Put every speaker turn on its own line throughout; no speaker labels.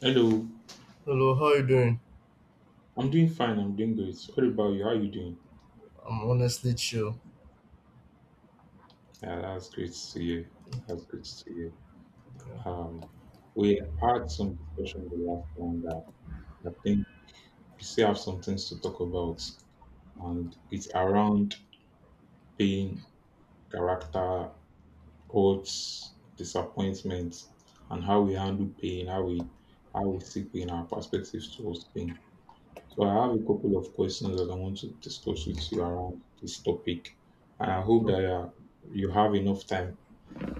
Hello,
Hello, how you doing?
I'm doing fine. I'm doing great. What about you? How are you doing?
I'm honestly chill.
Yeah, that's great to hear. That's great to hear.
Yeah.
Um, we had some discussion the last time that I think we still have some things to talk about, and it's around pain, character, hurts, disappointments, and how we handle pain, how we see pain, our perspectives towards pain. So I have a couple of questions that I want to discuss with you around this topic, and I hope
Oh,
that you have enough time,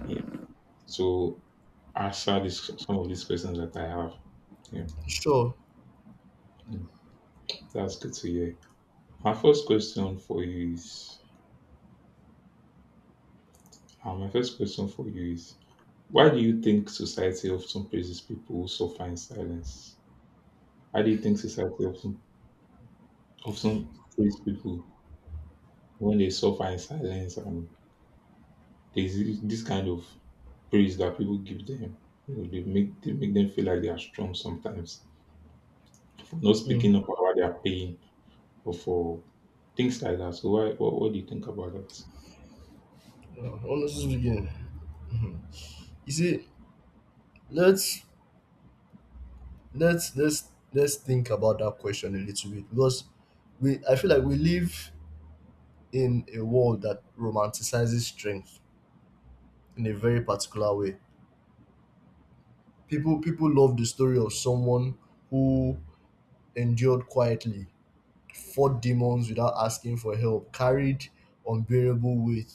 yeah, to answer this, some of these questions that I have. Yeah,
sure.
Mm, that's good to hear. My first question for you is, uh, my first question for you is, why do you think society often praises people who suffer in silence? Why do you think society often praises people when they suffer in silence, and there's this kind of praise that people give them. You know, they make them feel like they are strong sometimes for not
Mm.
speaking up about their pain or for things like that. So what do you think about that?
Yeah, Honestly speaking, mhm, you see, let's let's let's let's think about that question a little bit because we I feel like we live in a world that romanticizes strength in a very particular way. People love the story of someone who endured quietly four demons without asking for help, carried unbearable weight,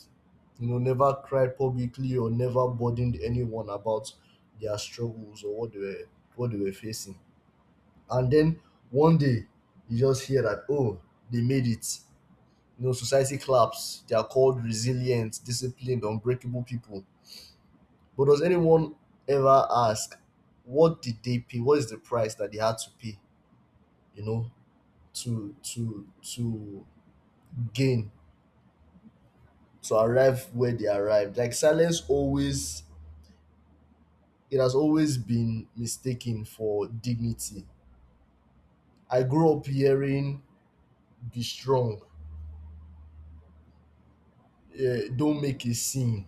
never cried publicly or never burdened anyone about their struggles or what they were facing. And then one day you just hear that they made it. You know, society claps. They are called resilient, disciplined, unbreakable people. But does anyone ever ask what did they pay? What is the price that they had to pay? You know, to to to gain to arrive where they arrived. Like silence always, it has always been mistaken for dignity. I grew up hearing, be strong, don't make a scene.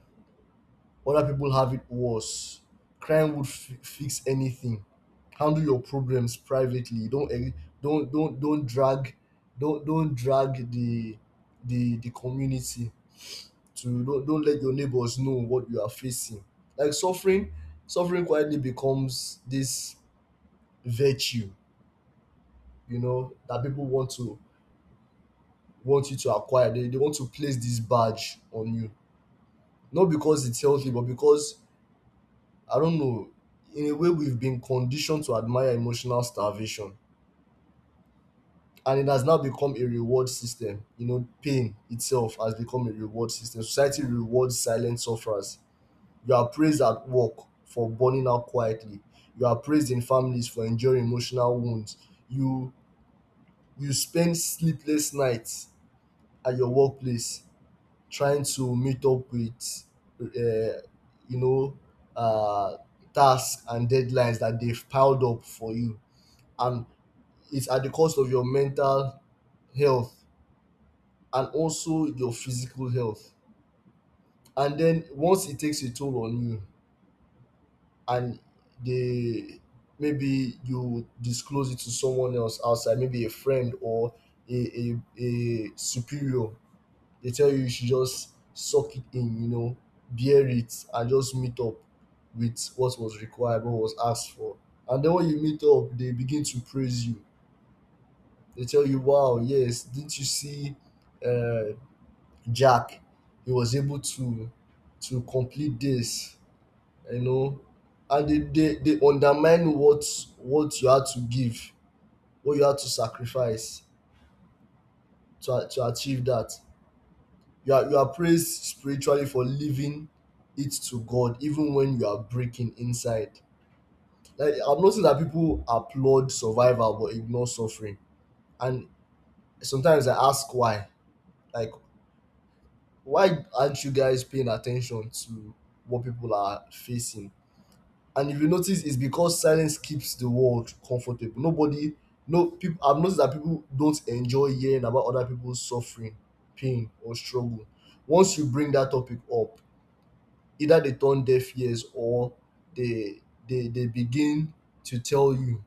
Other people have it worse. Crime would fix anything. Handle your problems privately. Don't eh, don't don't don't drag don't drag the the community to. Don't don't, let your neighbors know what you are facing. Like suffering quietly becomes this virtue, you know, that people want to want you to acquire. They want to place this badge on you not because it's healthy but because I don't know, in a way we've been conditioned to admire emotional starvation, and it has now become a reward system. You know, pain itself has become a reward system. Society rewards silent sufferers. You are praised at work for burning out quietly. You are praised in families for enduring emotional wounds. you you spend sleepless nights at your workplace trying to meet up with uh, you know, uh, tasks and deadlines that they've piled up for you, and it's at the cost of your mental health and also your physical health. And then once it takes a toll on you and they maybe you disclose it to someone else outside, maybe a friend or a superior, they tell you you should just suck it in, you know, bear it, and just meet up with what was required, what was asked for. And then when you meet up, they begin to praise you. They tell you, wow, yes, didn't you see, uh, Jack? He was able to complete this, you know. And they undermine what you had to give, what you had to sacrifice to achieve that. You are praised spiritually for leaving it to God even when you are breaking inside. Like I am noticing that people applaud survival but ignore suffering. And sometimes I ask why. Like why aren't you guys paying attention to what people are facing? And if you notice, it's because silence keeps the world comfortable. Nobody no People, I've noticed that people don't enjoy hearing about other people's suffering, pain or struggle. Once you bring that topic up, either they turn deaf ears or they they begin to tell you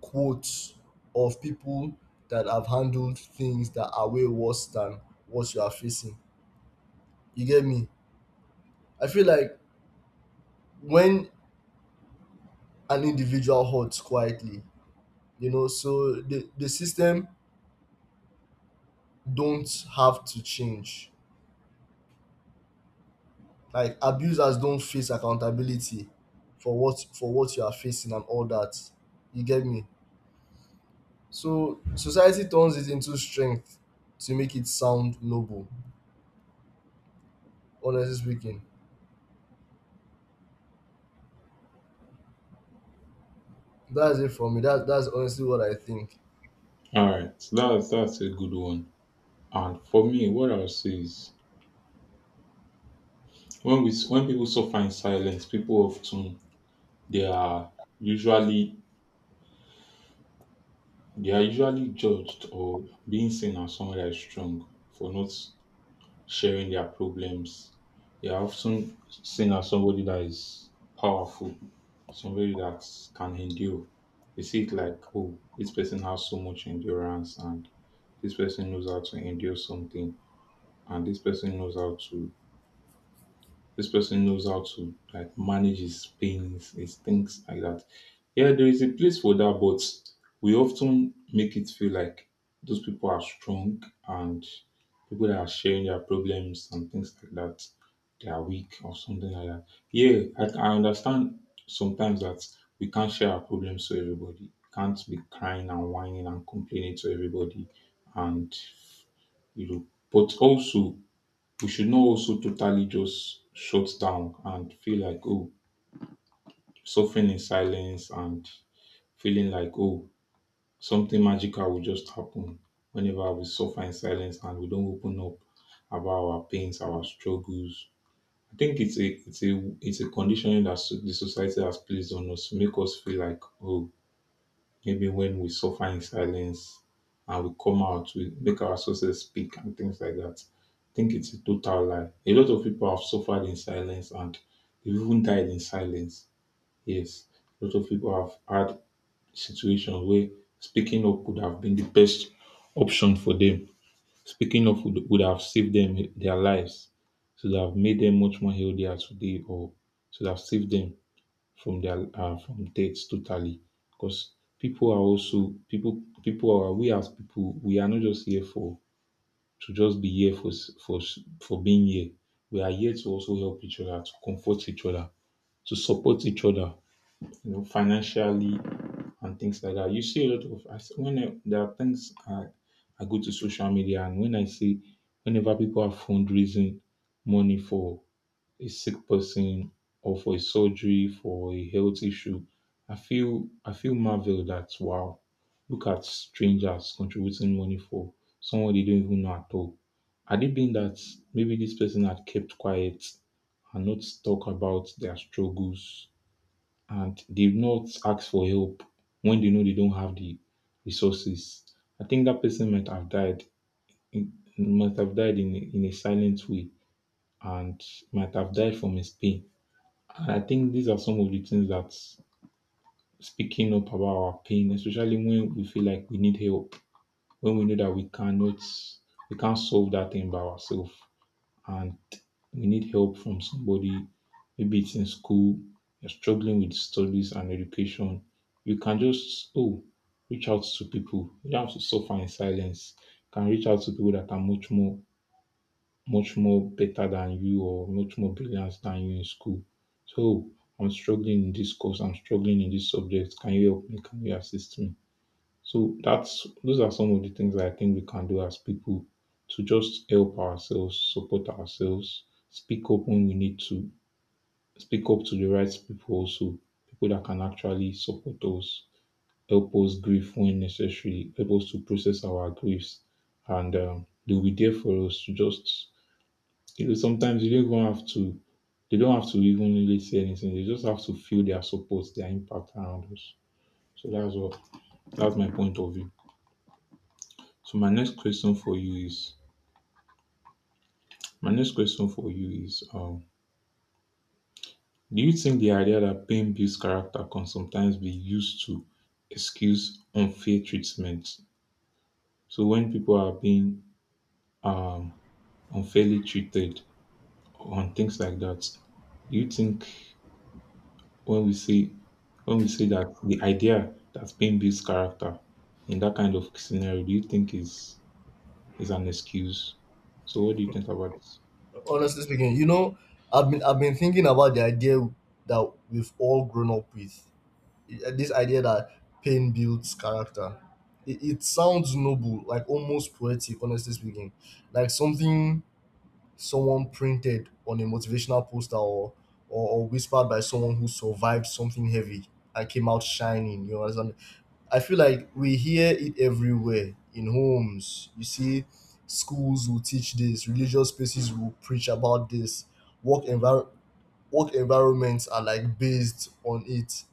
quotes of people that have handled things that are way worse than what you are facing. You get me? I feel like when an individual hurts quietly, you know, so the system don't have to change. Like abusers don't face accountability for what you are facing and all that. You get me? So society turns it into strength to make it sound noble. Honestly speaking, that's it for me. That's honestly what I think.
All right, so that's a good one. And for me, what I'll say is when we when people suffer in silence, people often they are usually they are usually judged or being seen as someone that is strong for not sharing their problems. They are often seen as somebody that is powerful, somebody that can endure. They see it like, oh, this person has so much endurance, and this person knows how to endure something, and this person knows how to like manage his pains, his things like that. Yeah, there is a place for that, but we often make it feel like those people are strong and people that are sharing their problems and things like that, they are weak or something like that. Yeah, I understand sometimes that we can't share our problems to everybody. Can't be crying and whining and complaining to everybody. And, you know, but also we should not also totally just shut down and feel like, oh, suffering in silence and feeling like, oh, something magical will just happen whenever we suffer in silence and we don't open up about our pains, our struggles. I think it's a conditioning that the society has placed on us to make us feel like, oh, maybe when we suffer in silence and we come out, we make our sources speak and things like that. I think it's a total lie. A lot of people have suffered in silence and they've even died in silence. Yes, a lot of people have had situations where speaking up could have been the best option for them. Speaking up would have saved them their lives, should have made them much more healthier today, or should have saved them from their from death totally because people are also people people are we as people we are not just here for to just be here for being here, we are here to also help each other, to comfort each other, to support each other, you know, financially and things like that. You see a lot of when there are things I go to social media, and when I see whenever people are fundraising money for a sick person or for a surgery for a health issue, I feel marvel that wow, look at strangers contributing money for someone they don't even know at all. Had it been that maybe this person had kept quiet and not talk about their struggles and they've not asked for help when they know they don't have the resources, I think that person might have died in in a silent way and might have died from his pain. And I think these are some of the things that speaking up about our pain, especially when we feel like we need help, when we know that we can't solve that thing by ourselves and we need help from somebody, maybe it's in school, you're struggling with studies and education, you can just reach out to people. You don't have to suffer in silence. You can reach out to people that are much more better than you or much more brilliant than you in school. So I'm struggling in this course, I'm struggling in this subject. Can you help me? Can you assist me? So that's those are some of the things that I think we can do as people to just help ourselves, support ourselves, speak up when we need to, speak up to the right people also, people that can actually support us, help us grieve when necessary, help us to process our griefs, and they'll be there for us to just, you know, sometimes you don't even have to, they don't have to even really say anything. They just have to feel their support, their impact around us. So that's my point of view. So my next question for you is, my next question for you is, um, do you think the idea that pain builds character can sometimes be used to excuse unfair treatment? So when people are being um, unfairly treated on things like that, do you think when we say when we say that the idea that pain builds character in that kind of scenario, do you think is an excuse? So what do you think about this?
Honestly speaking, you know, I've been thinking about the idea that we've all grown up with. This idea that pain builds character. It sounds noble, like almost poetic. Honestly speaking, like something someone printed on a motivational poster, or whispered by someone who survived something heavy and came out shining. You understand? I feel like we hear it everywhere in homes. You see, schools will teach this, religious spaces will preach about this, work envir- work environments are like based on it.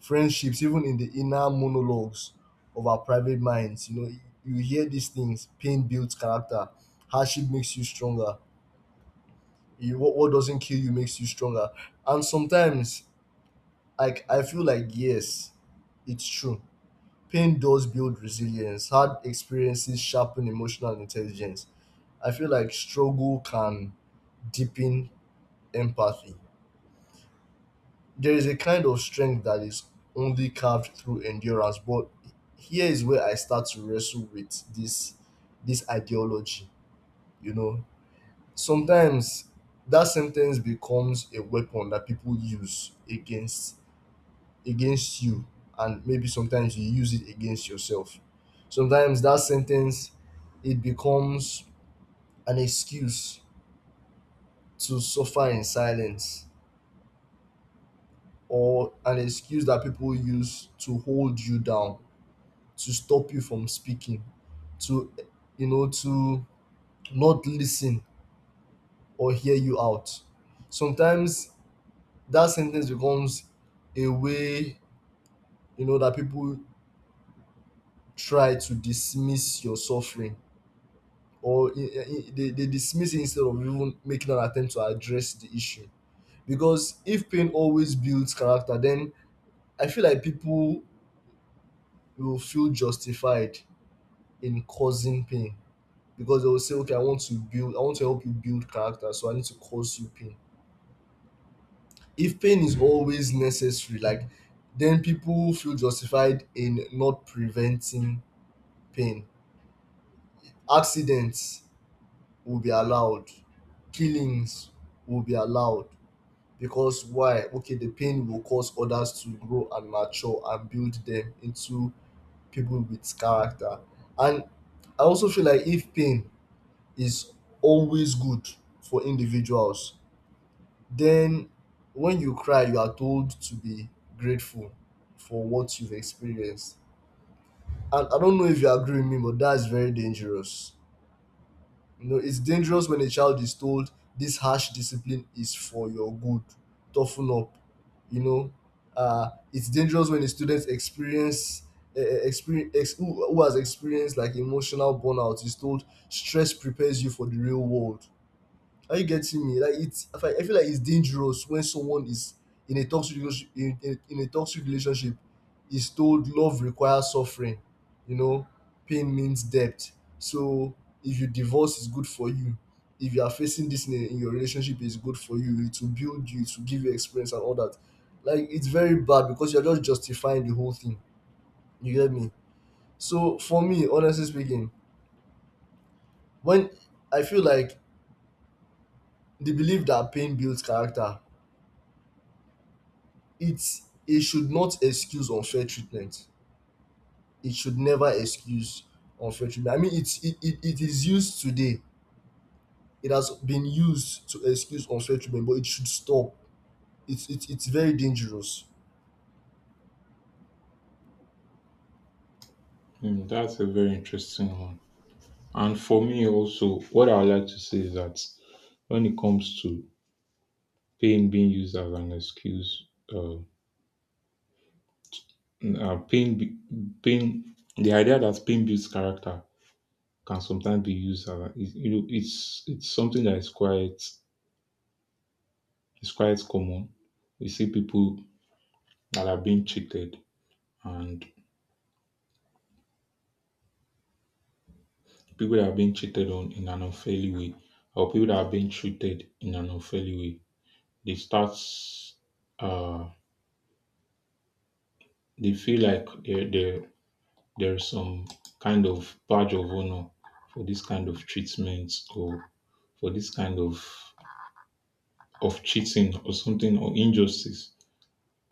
Friendships, even in the inner monologues of our private minds, you know, you hear these things. Pain builds character. Hardship makes you stronger. You what doesn't kill you makes you stronger. And sometimes, like, I feel like, yes, it's true, pain does build resilience, hard experiences sharpen emotional intelligence. I feel like struggle can deepen empathy. There is a kind of strength that is only carved through endurance. But here is where I start to wrestle with this this ideology. You know, sometimes that sentence becomes a weapon that people use against you, and maybe sometimes you use it against yourself. Sometimes that sentence, it becomes an excuse to suffer in silence, or an excuse that people use to hold you down, to stop you from speaking, to, you know, to not listen or hear you out. Sometimes that sentence becomes a way, you know, that people try to dismiss your suffering, or they dismiss it instead of even making an attempt to address the issue. Because if pain always builds character, then I feel like people will feel justified in causing pain, because they will say, okay, I want to build, I want to help you build character, so I need to cause you pain. If pain is always necessary, like, then people feel justified in not preventing pain. Accidents will be allowed, killings will be allowed. Because why? Okay, the pain will cause others to grow and mature and build them into people with character. And I also feel like if pain is always good for individuals, then when you cry, you are told to be grateful for what you've experienced. And I don't know if you agree with me, but that's very dangerous. You know, it's dangerous when a child is told this harsh discipline is for your good, toughen up. You know, it's dangerous when a student who has experienced like emotional burnout is told stress prepares you for the real world. Are you getting me? Like, it's, I feel like it's dangerous when someone is in a toxic relationship, in a toxic relationship, is told love requires suffering, you know, pain means debt. So if you divorce, is good for you. If you are facing this in your relationship, is good for you, it will build you, it will give you experience and all that. Like it's very bad because you're just justifying the whole thing. You get me? So for me, honestly speaking, when I feel like the belief that pain builds character, it should not excuse unfair treatment. It should never excuse unfair treatment. I mean, it is used today. It has been used to excuse unfair treatment, but it should stop. It's it's very dangerous.
Hmm, that's a very interesting one. And for me also, what I would like to say is that when it comes to pain being used as an excuse, uh, uh, pain, be- pain, the idea that pain builds character can sometimes be used you know, it's something that is quite it's quite common. We see people that are being cheated and people that are being cheated on in an unfairly way or people that are being treated in an unfairly way. They start, uh, they feel like there is some kind of badge of honor for this kind of treatment or for this kind of cheating or something or injustice.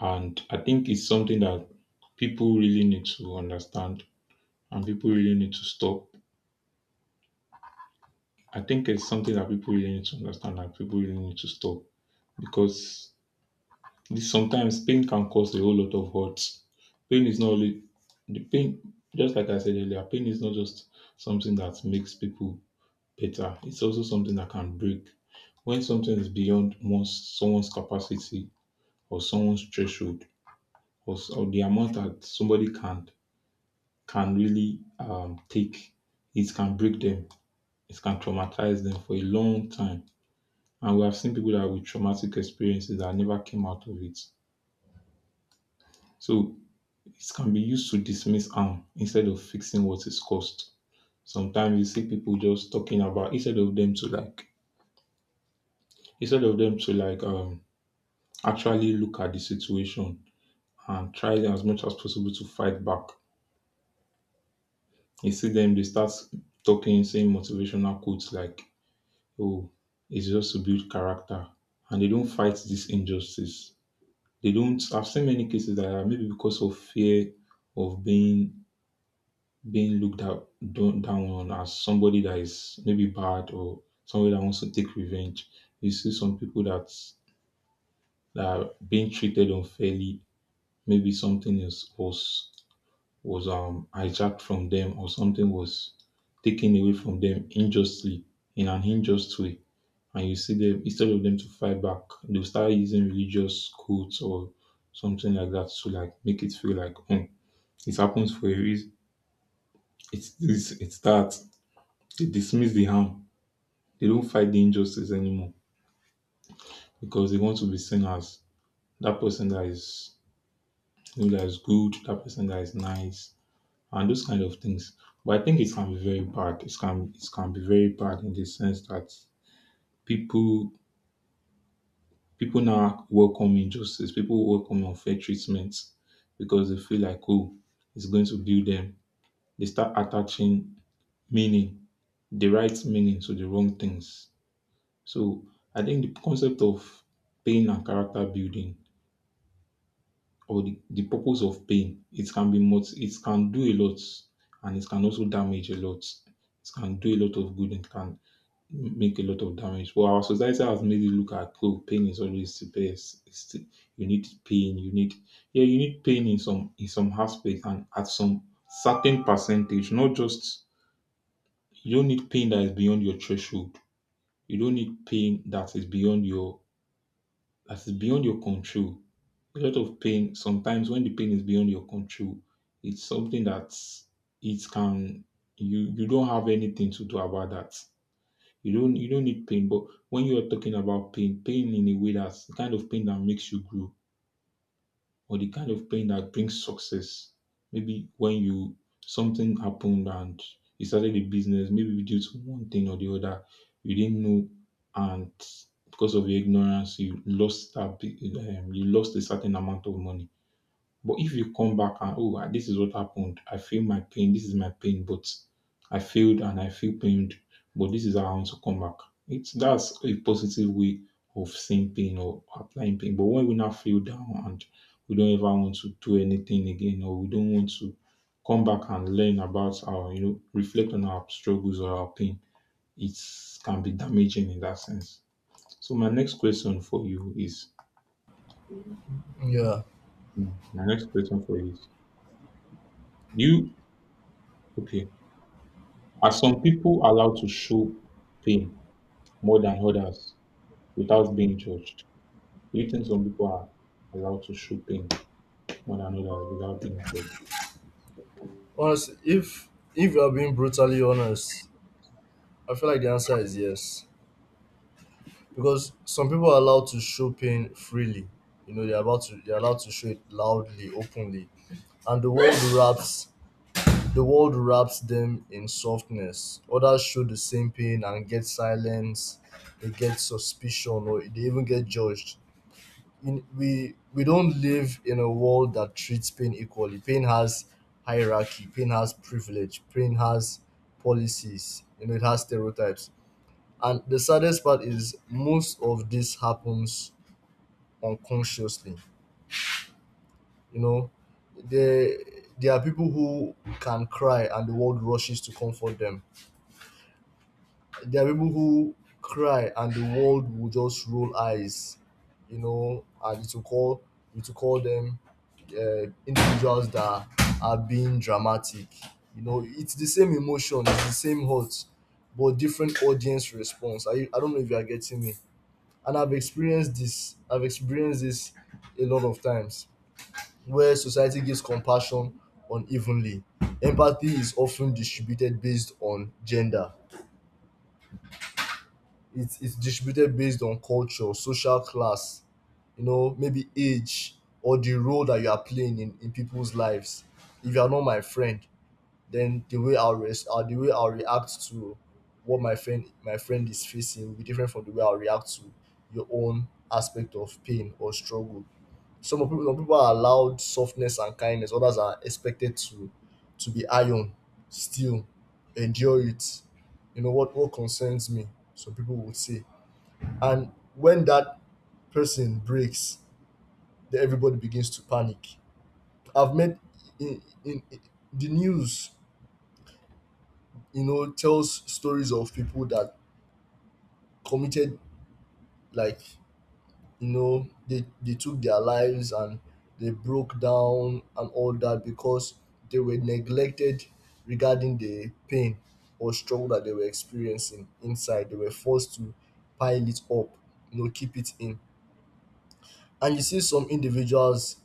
And I think it's something that people really need to understand and people really need to stop I think it's something that people really need to understand and people really need to stop because this, sometimes pain can cause a whole lot of hurt. Pain is not only the pain, just like I said earlier, pain is not just something that makes people better, it's also something that can break. When something is beyond someone's capacity or someone's threshold or the amount that somebody can really take, it can break them, it can traumatize them for a long time, and we have seen people that with traumatic experiences that never came out of it. So it can be used to dismiss harm instead of fixing what is caused. Sometimes you see people just talking about instead of them to like actually look at the situation and try as much as possible to fight back. You see them they start talking, saying motivational quotes like, oh, it's just to build character, and they don't fight this injustice. They don't I've seen many cases that are maybe because of fear of being looked out down down on as somebody that is maybe bad or somebody that wants to take revenge. You see some that are being treated unfairly. Maybe something is was hijacked from them or something was taken away from them unjustly in an unjust way. And you see them instead of them to fight back, they'll start using religious quotes or something like that to like make it feel like oh, it happens for a reason. It's this, it's that. They dismiss the harm. They don't fight the injustice anymore because they want to be seen as that person that is, you know, that is good, that person that is nice, and those kind of things. But I think it can be very bad. It can be very bad in the sense that people people now welcome injustice. People welcome unfair treatment because they feel like, oh, it's going to build them. They start attaching meaning, the right meaning to the wrong things. So I think the concept of pain and character building or the purpose of pain, it can be much, it can do a lot and it can also damage a lot. It can do a lot of good and can make a lot of damage. But our society has made it look at oh, pain is always the best. It's the, you need pain. You need, yeah, you need pain in some aspect and at some certain percentage. Not just you don't need pain that is beyond your threshold. You don't need pain that is beyond your control. A lot of pain sometimes when the pain is beyond your control, it's something that it can you don't have anything to do about that. You don't need pain, but when you are talking about pain, pain in a way, that's the kind of pain that makes you grow or the kind of pain that brings success. Maybe when you something happened and you started a business, maybe due to one thing or the other, you didn't know, and because of your ignorance, you lost that you lost a certain amount of money. But if you come back and oh, ah, this is what happened. I feel my pain. This is my pain, but I failed and I feel pained. But this is how I want to come back. It's that's a positive way of seeing pain or applying pain. But when we now feel down and we don't ever want to do anything again, or we don't want to come back and learn about our, you know, reflect on our struggles or our pain, it can be damaging in that sense. So my next question for you is,
Yeah.
my next question for you is, you okay? Are some people allowed to show pain more than others without being judged? Do you think some people are allowed to show pain more than others without being judged?
Honestly, if you are being brutally honest, I feel like the answer is yes. Because some people are allowed to show pain freely. You know, they're allowed to show it loudly, openly. And the world wraps the world wraps them in softness. Others show the same pain and get silenced, they get suspicion, or they even get judged. We don't live in a world that treats pain equally. Pain has hierarchy, pain has privilege, pain has policies, you know, it has stereotypes. And the saddest part is most of this happens unconsciously. You know, there, there are people who can cry and the world rushes to comfort them. There are people who cry and the world will just roll eyes, you know, and it will call them individuals that are being dramatic. You know, it's the same emotion, it's the same hurt, but different audience response. I don't know if you are getting me. And I've experienced this. I've experienced this a lot of times, where society gives compassion unevenly. Empathy is often distributed based on gender, it's distributed based on culture, social class, you know, maybe age, or the role that you are playing in people's lives. If you are not my friend, then the way I'll react to what my friend is facing will be different from the way I'll react to your own aspect of pain or struggle. Some people are allowed softness and kindness, others are expected to be iron, still endure it. You know what concerns me, some people would say, and when that person breaks, then everybody begins to panic. I've met in the news, you know, tells stories of people that committed, like, you know, they took their lives and they broke down and all that because they were neglected regarding the pain or struggle that they were experiencing inside. They were forced to pile it up, keep it in. And you see some individuals,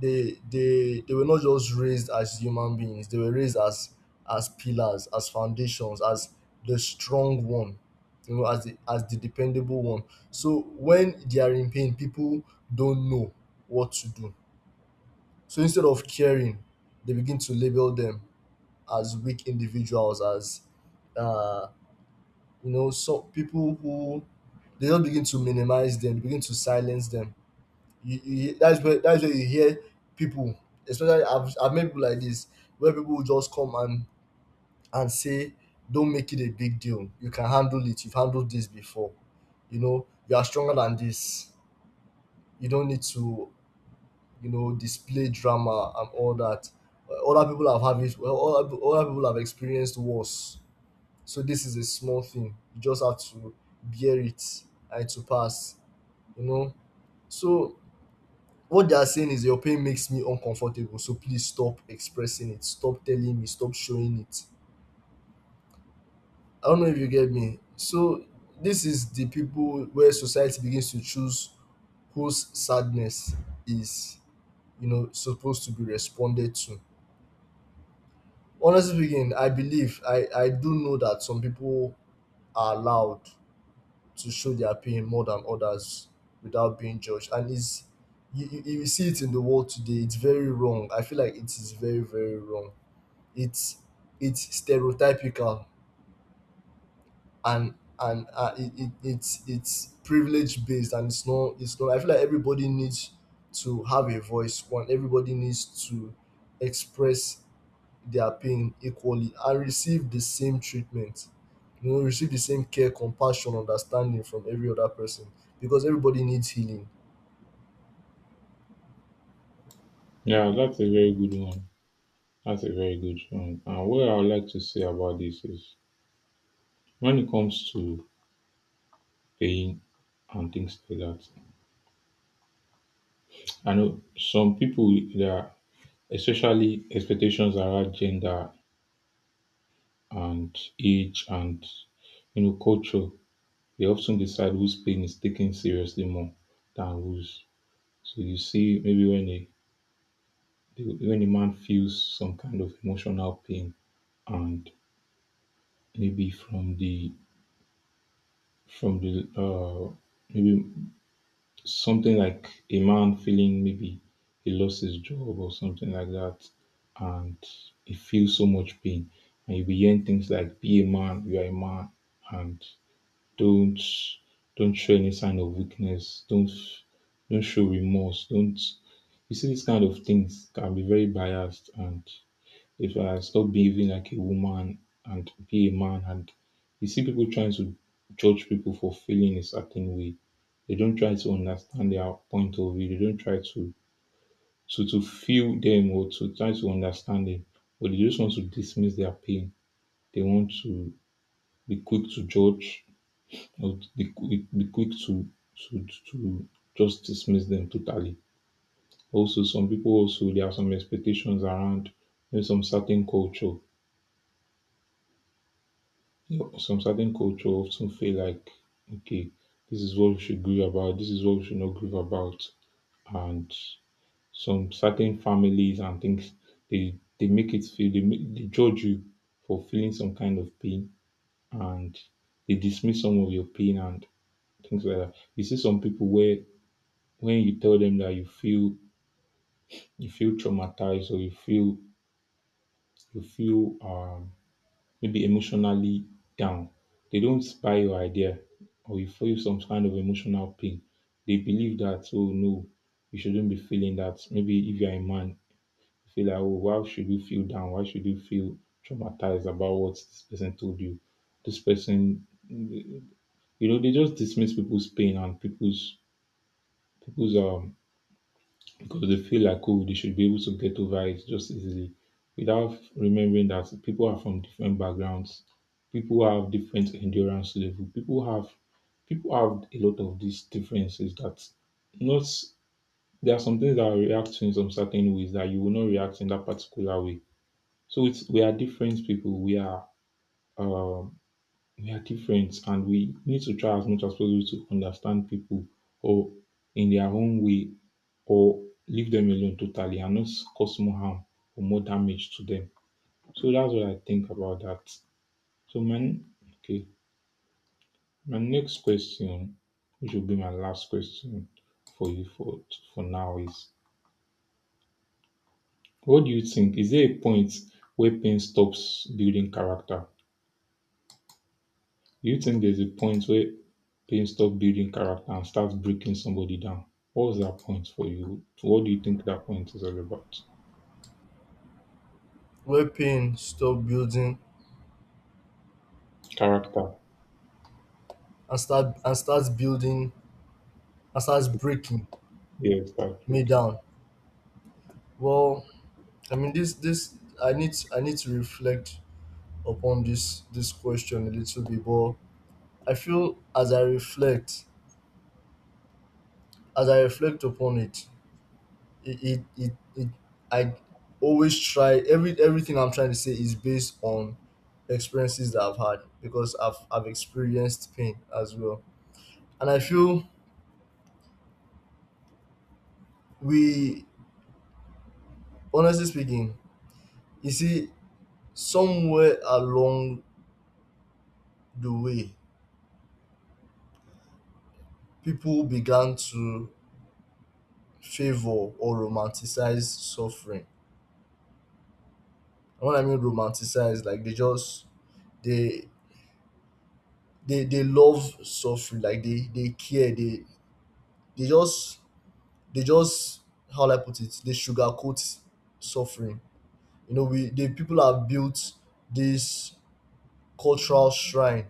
they were not just raised as human beings, they were raised as pillars, as foundations, as the strong one, as the dependable one. So when they are in pain, people don't know what to do, so instead of caring they begin to label them as weak individuals, as uh so people who they don't, begin to minimize them, begin to silence them. That's where you hear people, especially I've met people like this, where people will just come and say, "Don't make it a big deal. You can handle it. You've handled this before. You know you are stronger than this. You don't need to, display drama and all that. Other people have had it. Well, other people have experienced worse. So this is a small thing. You just have to bear it and to pass. You know." So what they are saying is, your pain makes me uncomfortable, so please stop expressing it, stop telling me, stop showing it. I don't know if you get me. So this is the people where society begins to choose whose sadness is, supposed to be responded to. Honestly speaking, I believe, I do know that some people are allowed to show their pain more than others without being judged. And is, you see it in the world today, it's very wrong. I feel like it is very, very wrong. it's it's stereotypical, and it's privilege based and it's not, it's not. I feel like everybody needs to have a voice. One, everybody needs to express their pain equally and receive the same treatment, you know, receive the same care, compassion, understanding from every other person, because everybody needs healing.
Yeah, that's a very good one. That's a very good one. And what I would like to say about this is when it comes to pain and things like that, I know some people there are especially expectations around gender and age and, you know, culture. They often decide whose pain is taken seriously more than whose. So you see, maybe when when a man feels some kind of emotional pain, and maybe from the uh, maybe something like a man feeling, maybe he lost his job or something like that, and he feels so much pain, and you begin things like, be a man, you are a man, and Don't don't show any sign of weakness. Don't show remorse. Don't, you see these kind of things can be very biased. And if I stop behaving like a woman and be a man, and you see people trying to judge people for feeling a certain way. They don't try to understand their point of view. They don't try to to feel them or to try to understand them. But they just want to dismiss their pain. They want to be quick to judge, not the quick, the quick to just dismiss them totally. Also, some people, also there are some expectations around, you know, some certain culture. You know, some certain culture often feel like, okay, this is what we should grieve about. This is what we should not grieve about. And some certain families and things, they make it feel, they judge you for feeling some kind of pain, and they dismiss some of your pain and things like that. You see some people where when you tell them that you feel traumatized, or you feel maybe emotionally down, they don't buy your idea. Or you feel some kind of emotional pain, they believe that, oh no, you shouldn't be feeling that. Maybe if you're a man, you feel like, oh, why should you feel down? Why should you feel traumatized about what this person told you? This person, you know, they just dismiss people's pain and people's people's because they feel like, oh, they should be able to get over it just easily without remembering that people are from different backgrounds, people have different endurance level, people have a lot of these differences that not there are some things that react in some certain ways that you will not react in that particular way. So it's, we are different people. Um, we are different, and we need to try as much as possible to understand people, or in their own way, or leave them alone totally and not cause more harm or more damage to them. So that's what I think about that. So okay, my next question, which will be my last question for you for now is, what do you think? Is there a point where pain stops building character? Do you think there's a point where pain stops building character and starts breaking somebody down? What was that point for you? What do you think that point is all about?
Where pain stop building,
Character.
and start, and starts building, and starts breaking
Yes, that's
me
breaking.
down. Well, I mean, this, I need, I need to reflect upon this question a little bit, but I feel, as I reflect, as I reflect upon it, it it, it, it, I always try, everything I'm trying to say is based on experiences that I've had, because I've experienced pain as well, and I feel we, honestly speaking, you see, somewhere along the way, people began to favor or romanticize suffering. And what I mean romanticize, like they just they they love suffering, like they care, they just they just, how will I put it, they sugarcoat suffering. You know, we the people have built this cultural shrine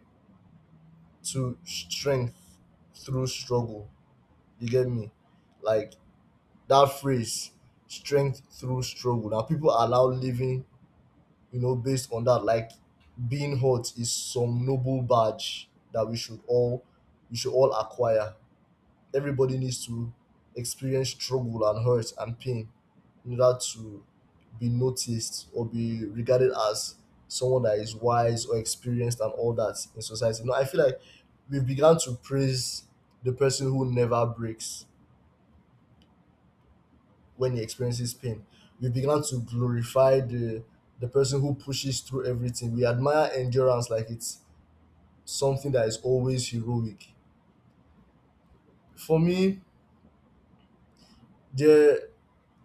to strength through struggle. You get me? Like that phrase, strength through struggle. Now people are now living, you know, based on that. Like being hot is some noble badge that we should all, we should all acquire. Everybody needs to experience struggle and hurt and pain in order to be noticed or be regarded as someone that is wise or experienced and all that in society. Now I feel like we began to praise the person who never breaks when he experiences pain. We began to glorify the person who pushes through everything. We admire endurance like it's something that is always heroic. For me, there,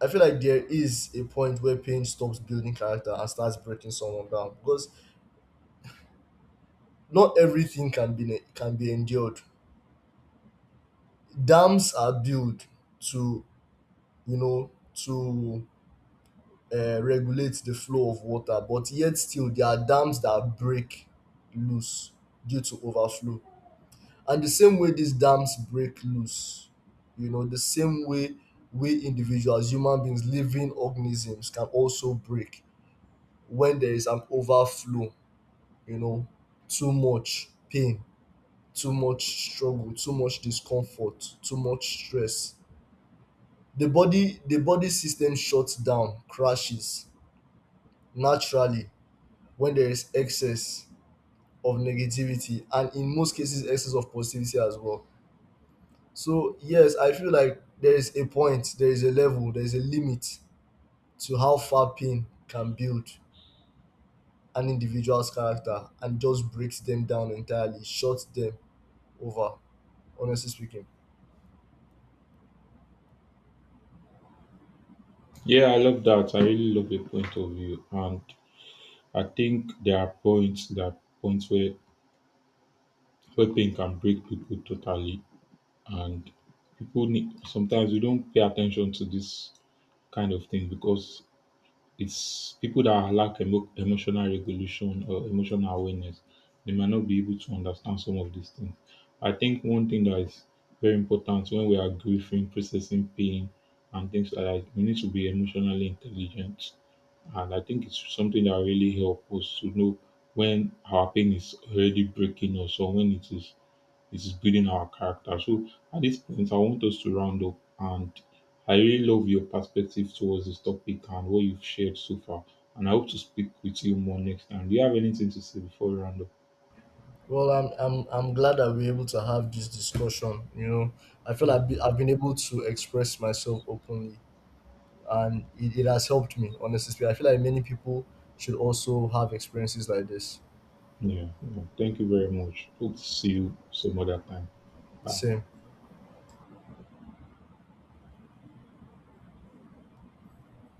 I feel like there is a point where pain stops building character and starts breaking someone down, because not everything can be endured. Dams are built to, you know to regulate the flow of water, but yet still there are dams that break loose due to overflow. And the same way these dams break loose, you know, the same way we individuals, human beings, living organisms can also break when there is an overflow, you know, too much pain, too much struggle, too much discomfort, too much stress. The body system shuts down, crashes naturally when there is excess of negativity, and in most cases excess of positivity as well. So yes, I feel like there is a point, there is a level, there is a limit to how far pain can build an individual's character and just breaks them down entirely, shuts them over. Honestly speaking.
Yeah, I love that. I really love your point of view, and I think there are points that points where pain can break people totally, and people need, sometimes we don't pay attention to this kind of thing because it's people that lack emotional regulation or emotional awareness. They might not be able to understand some of these things. I think one thing that is very important when we are grieving, processing pain, and things like that, we need to be emotionally intelligent. And I think it's something that really helps us to know when our pain is already breaking us or when it is building our character. So at this point, I want us to round up, and I really love your perspective towards this topic and what you've shared so far. And I hope to speak with you more next time. Do you have anything to say before we round up?
Well, I'm glad that we're able to have this discussion. You know, I feel like
Mm.
I've been able to express myself openly, and it has helped me. Honestly speaking, I feel like many people should also have experiences like this.
Yeah, yeah. Thank you very much. Hope to see you some other time. Bye.
Same.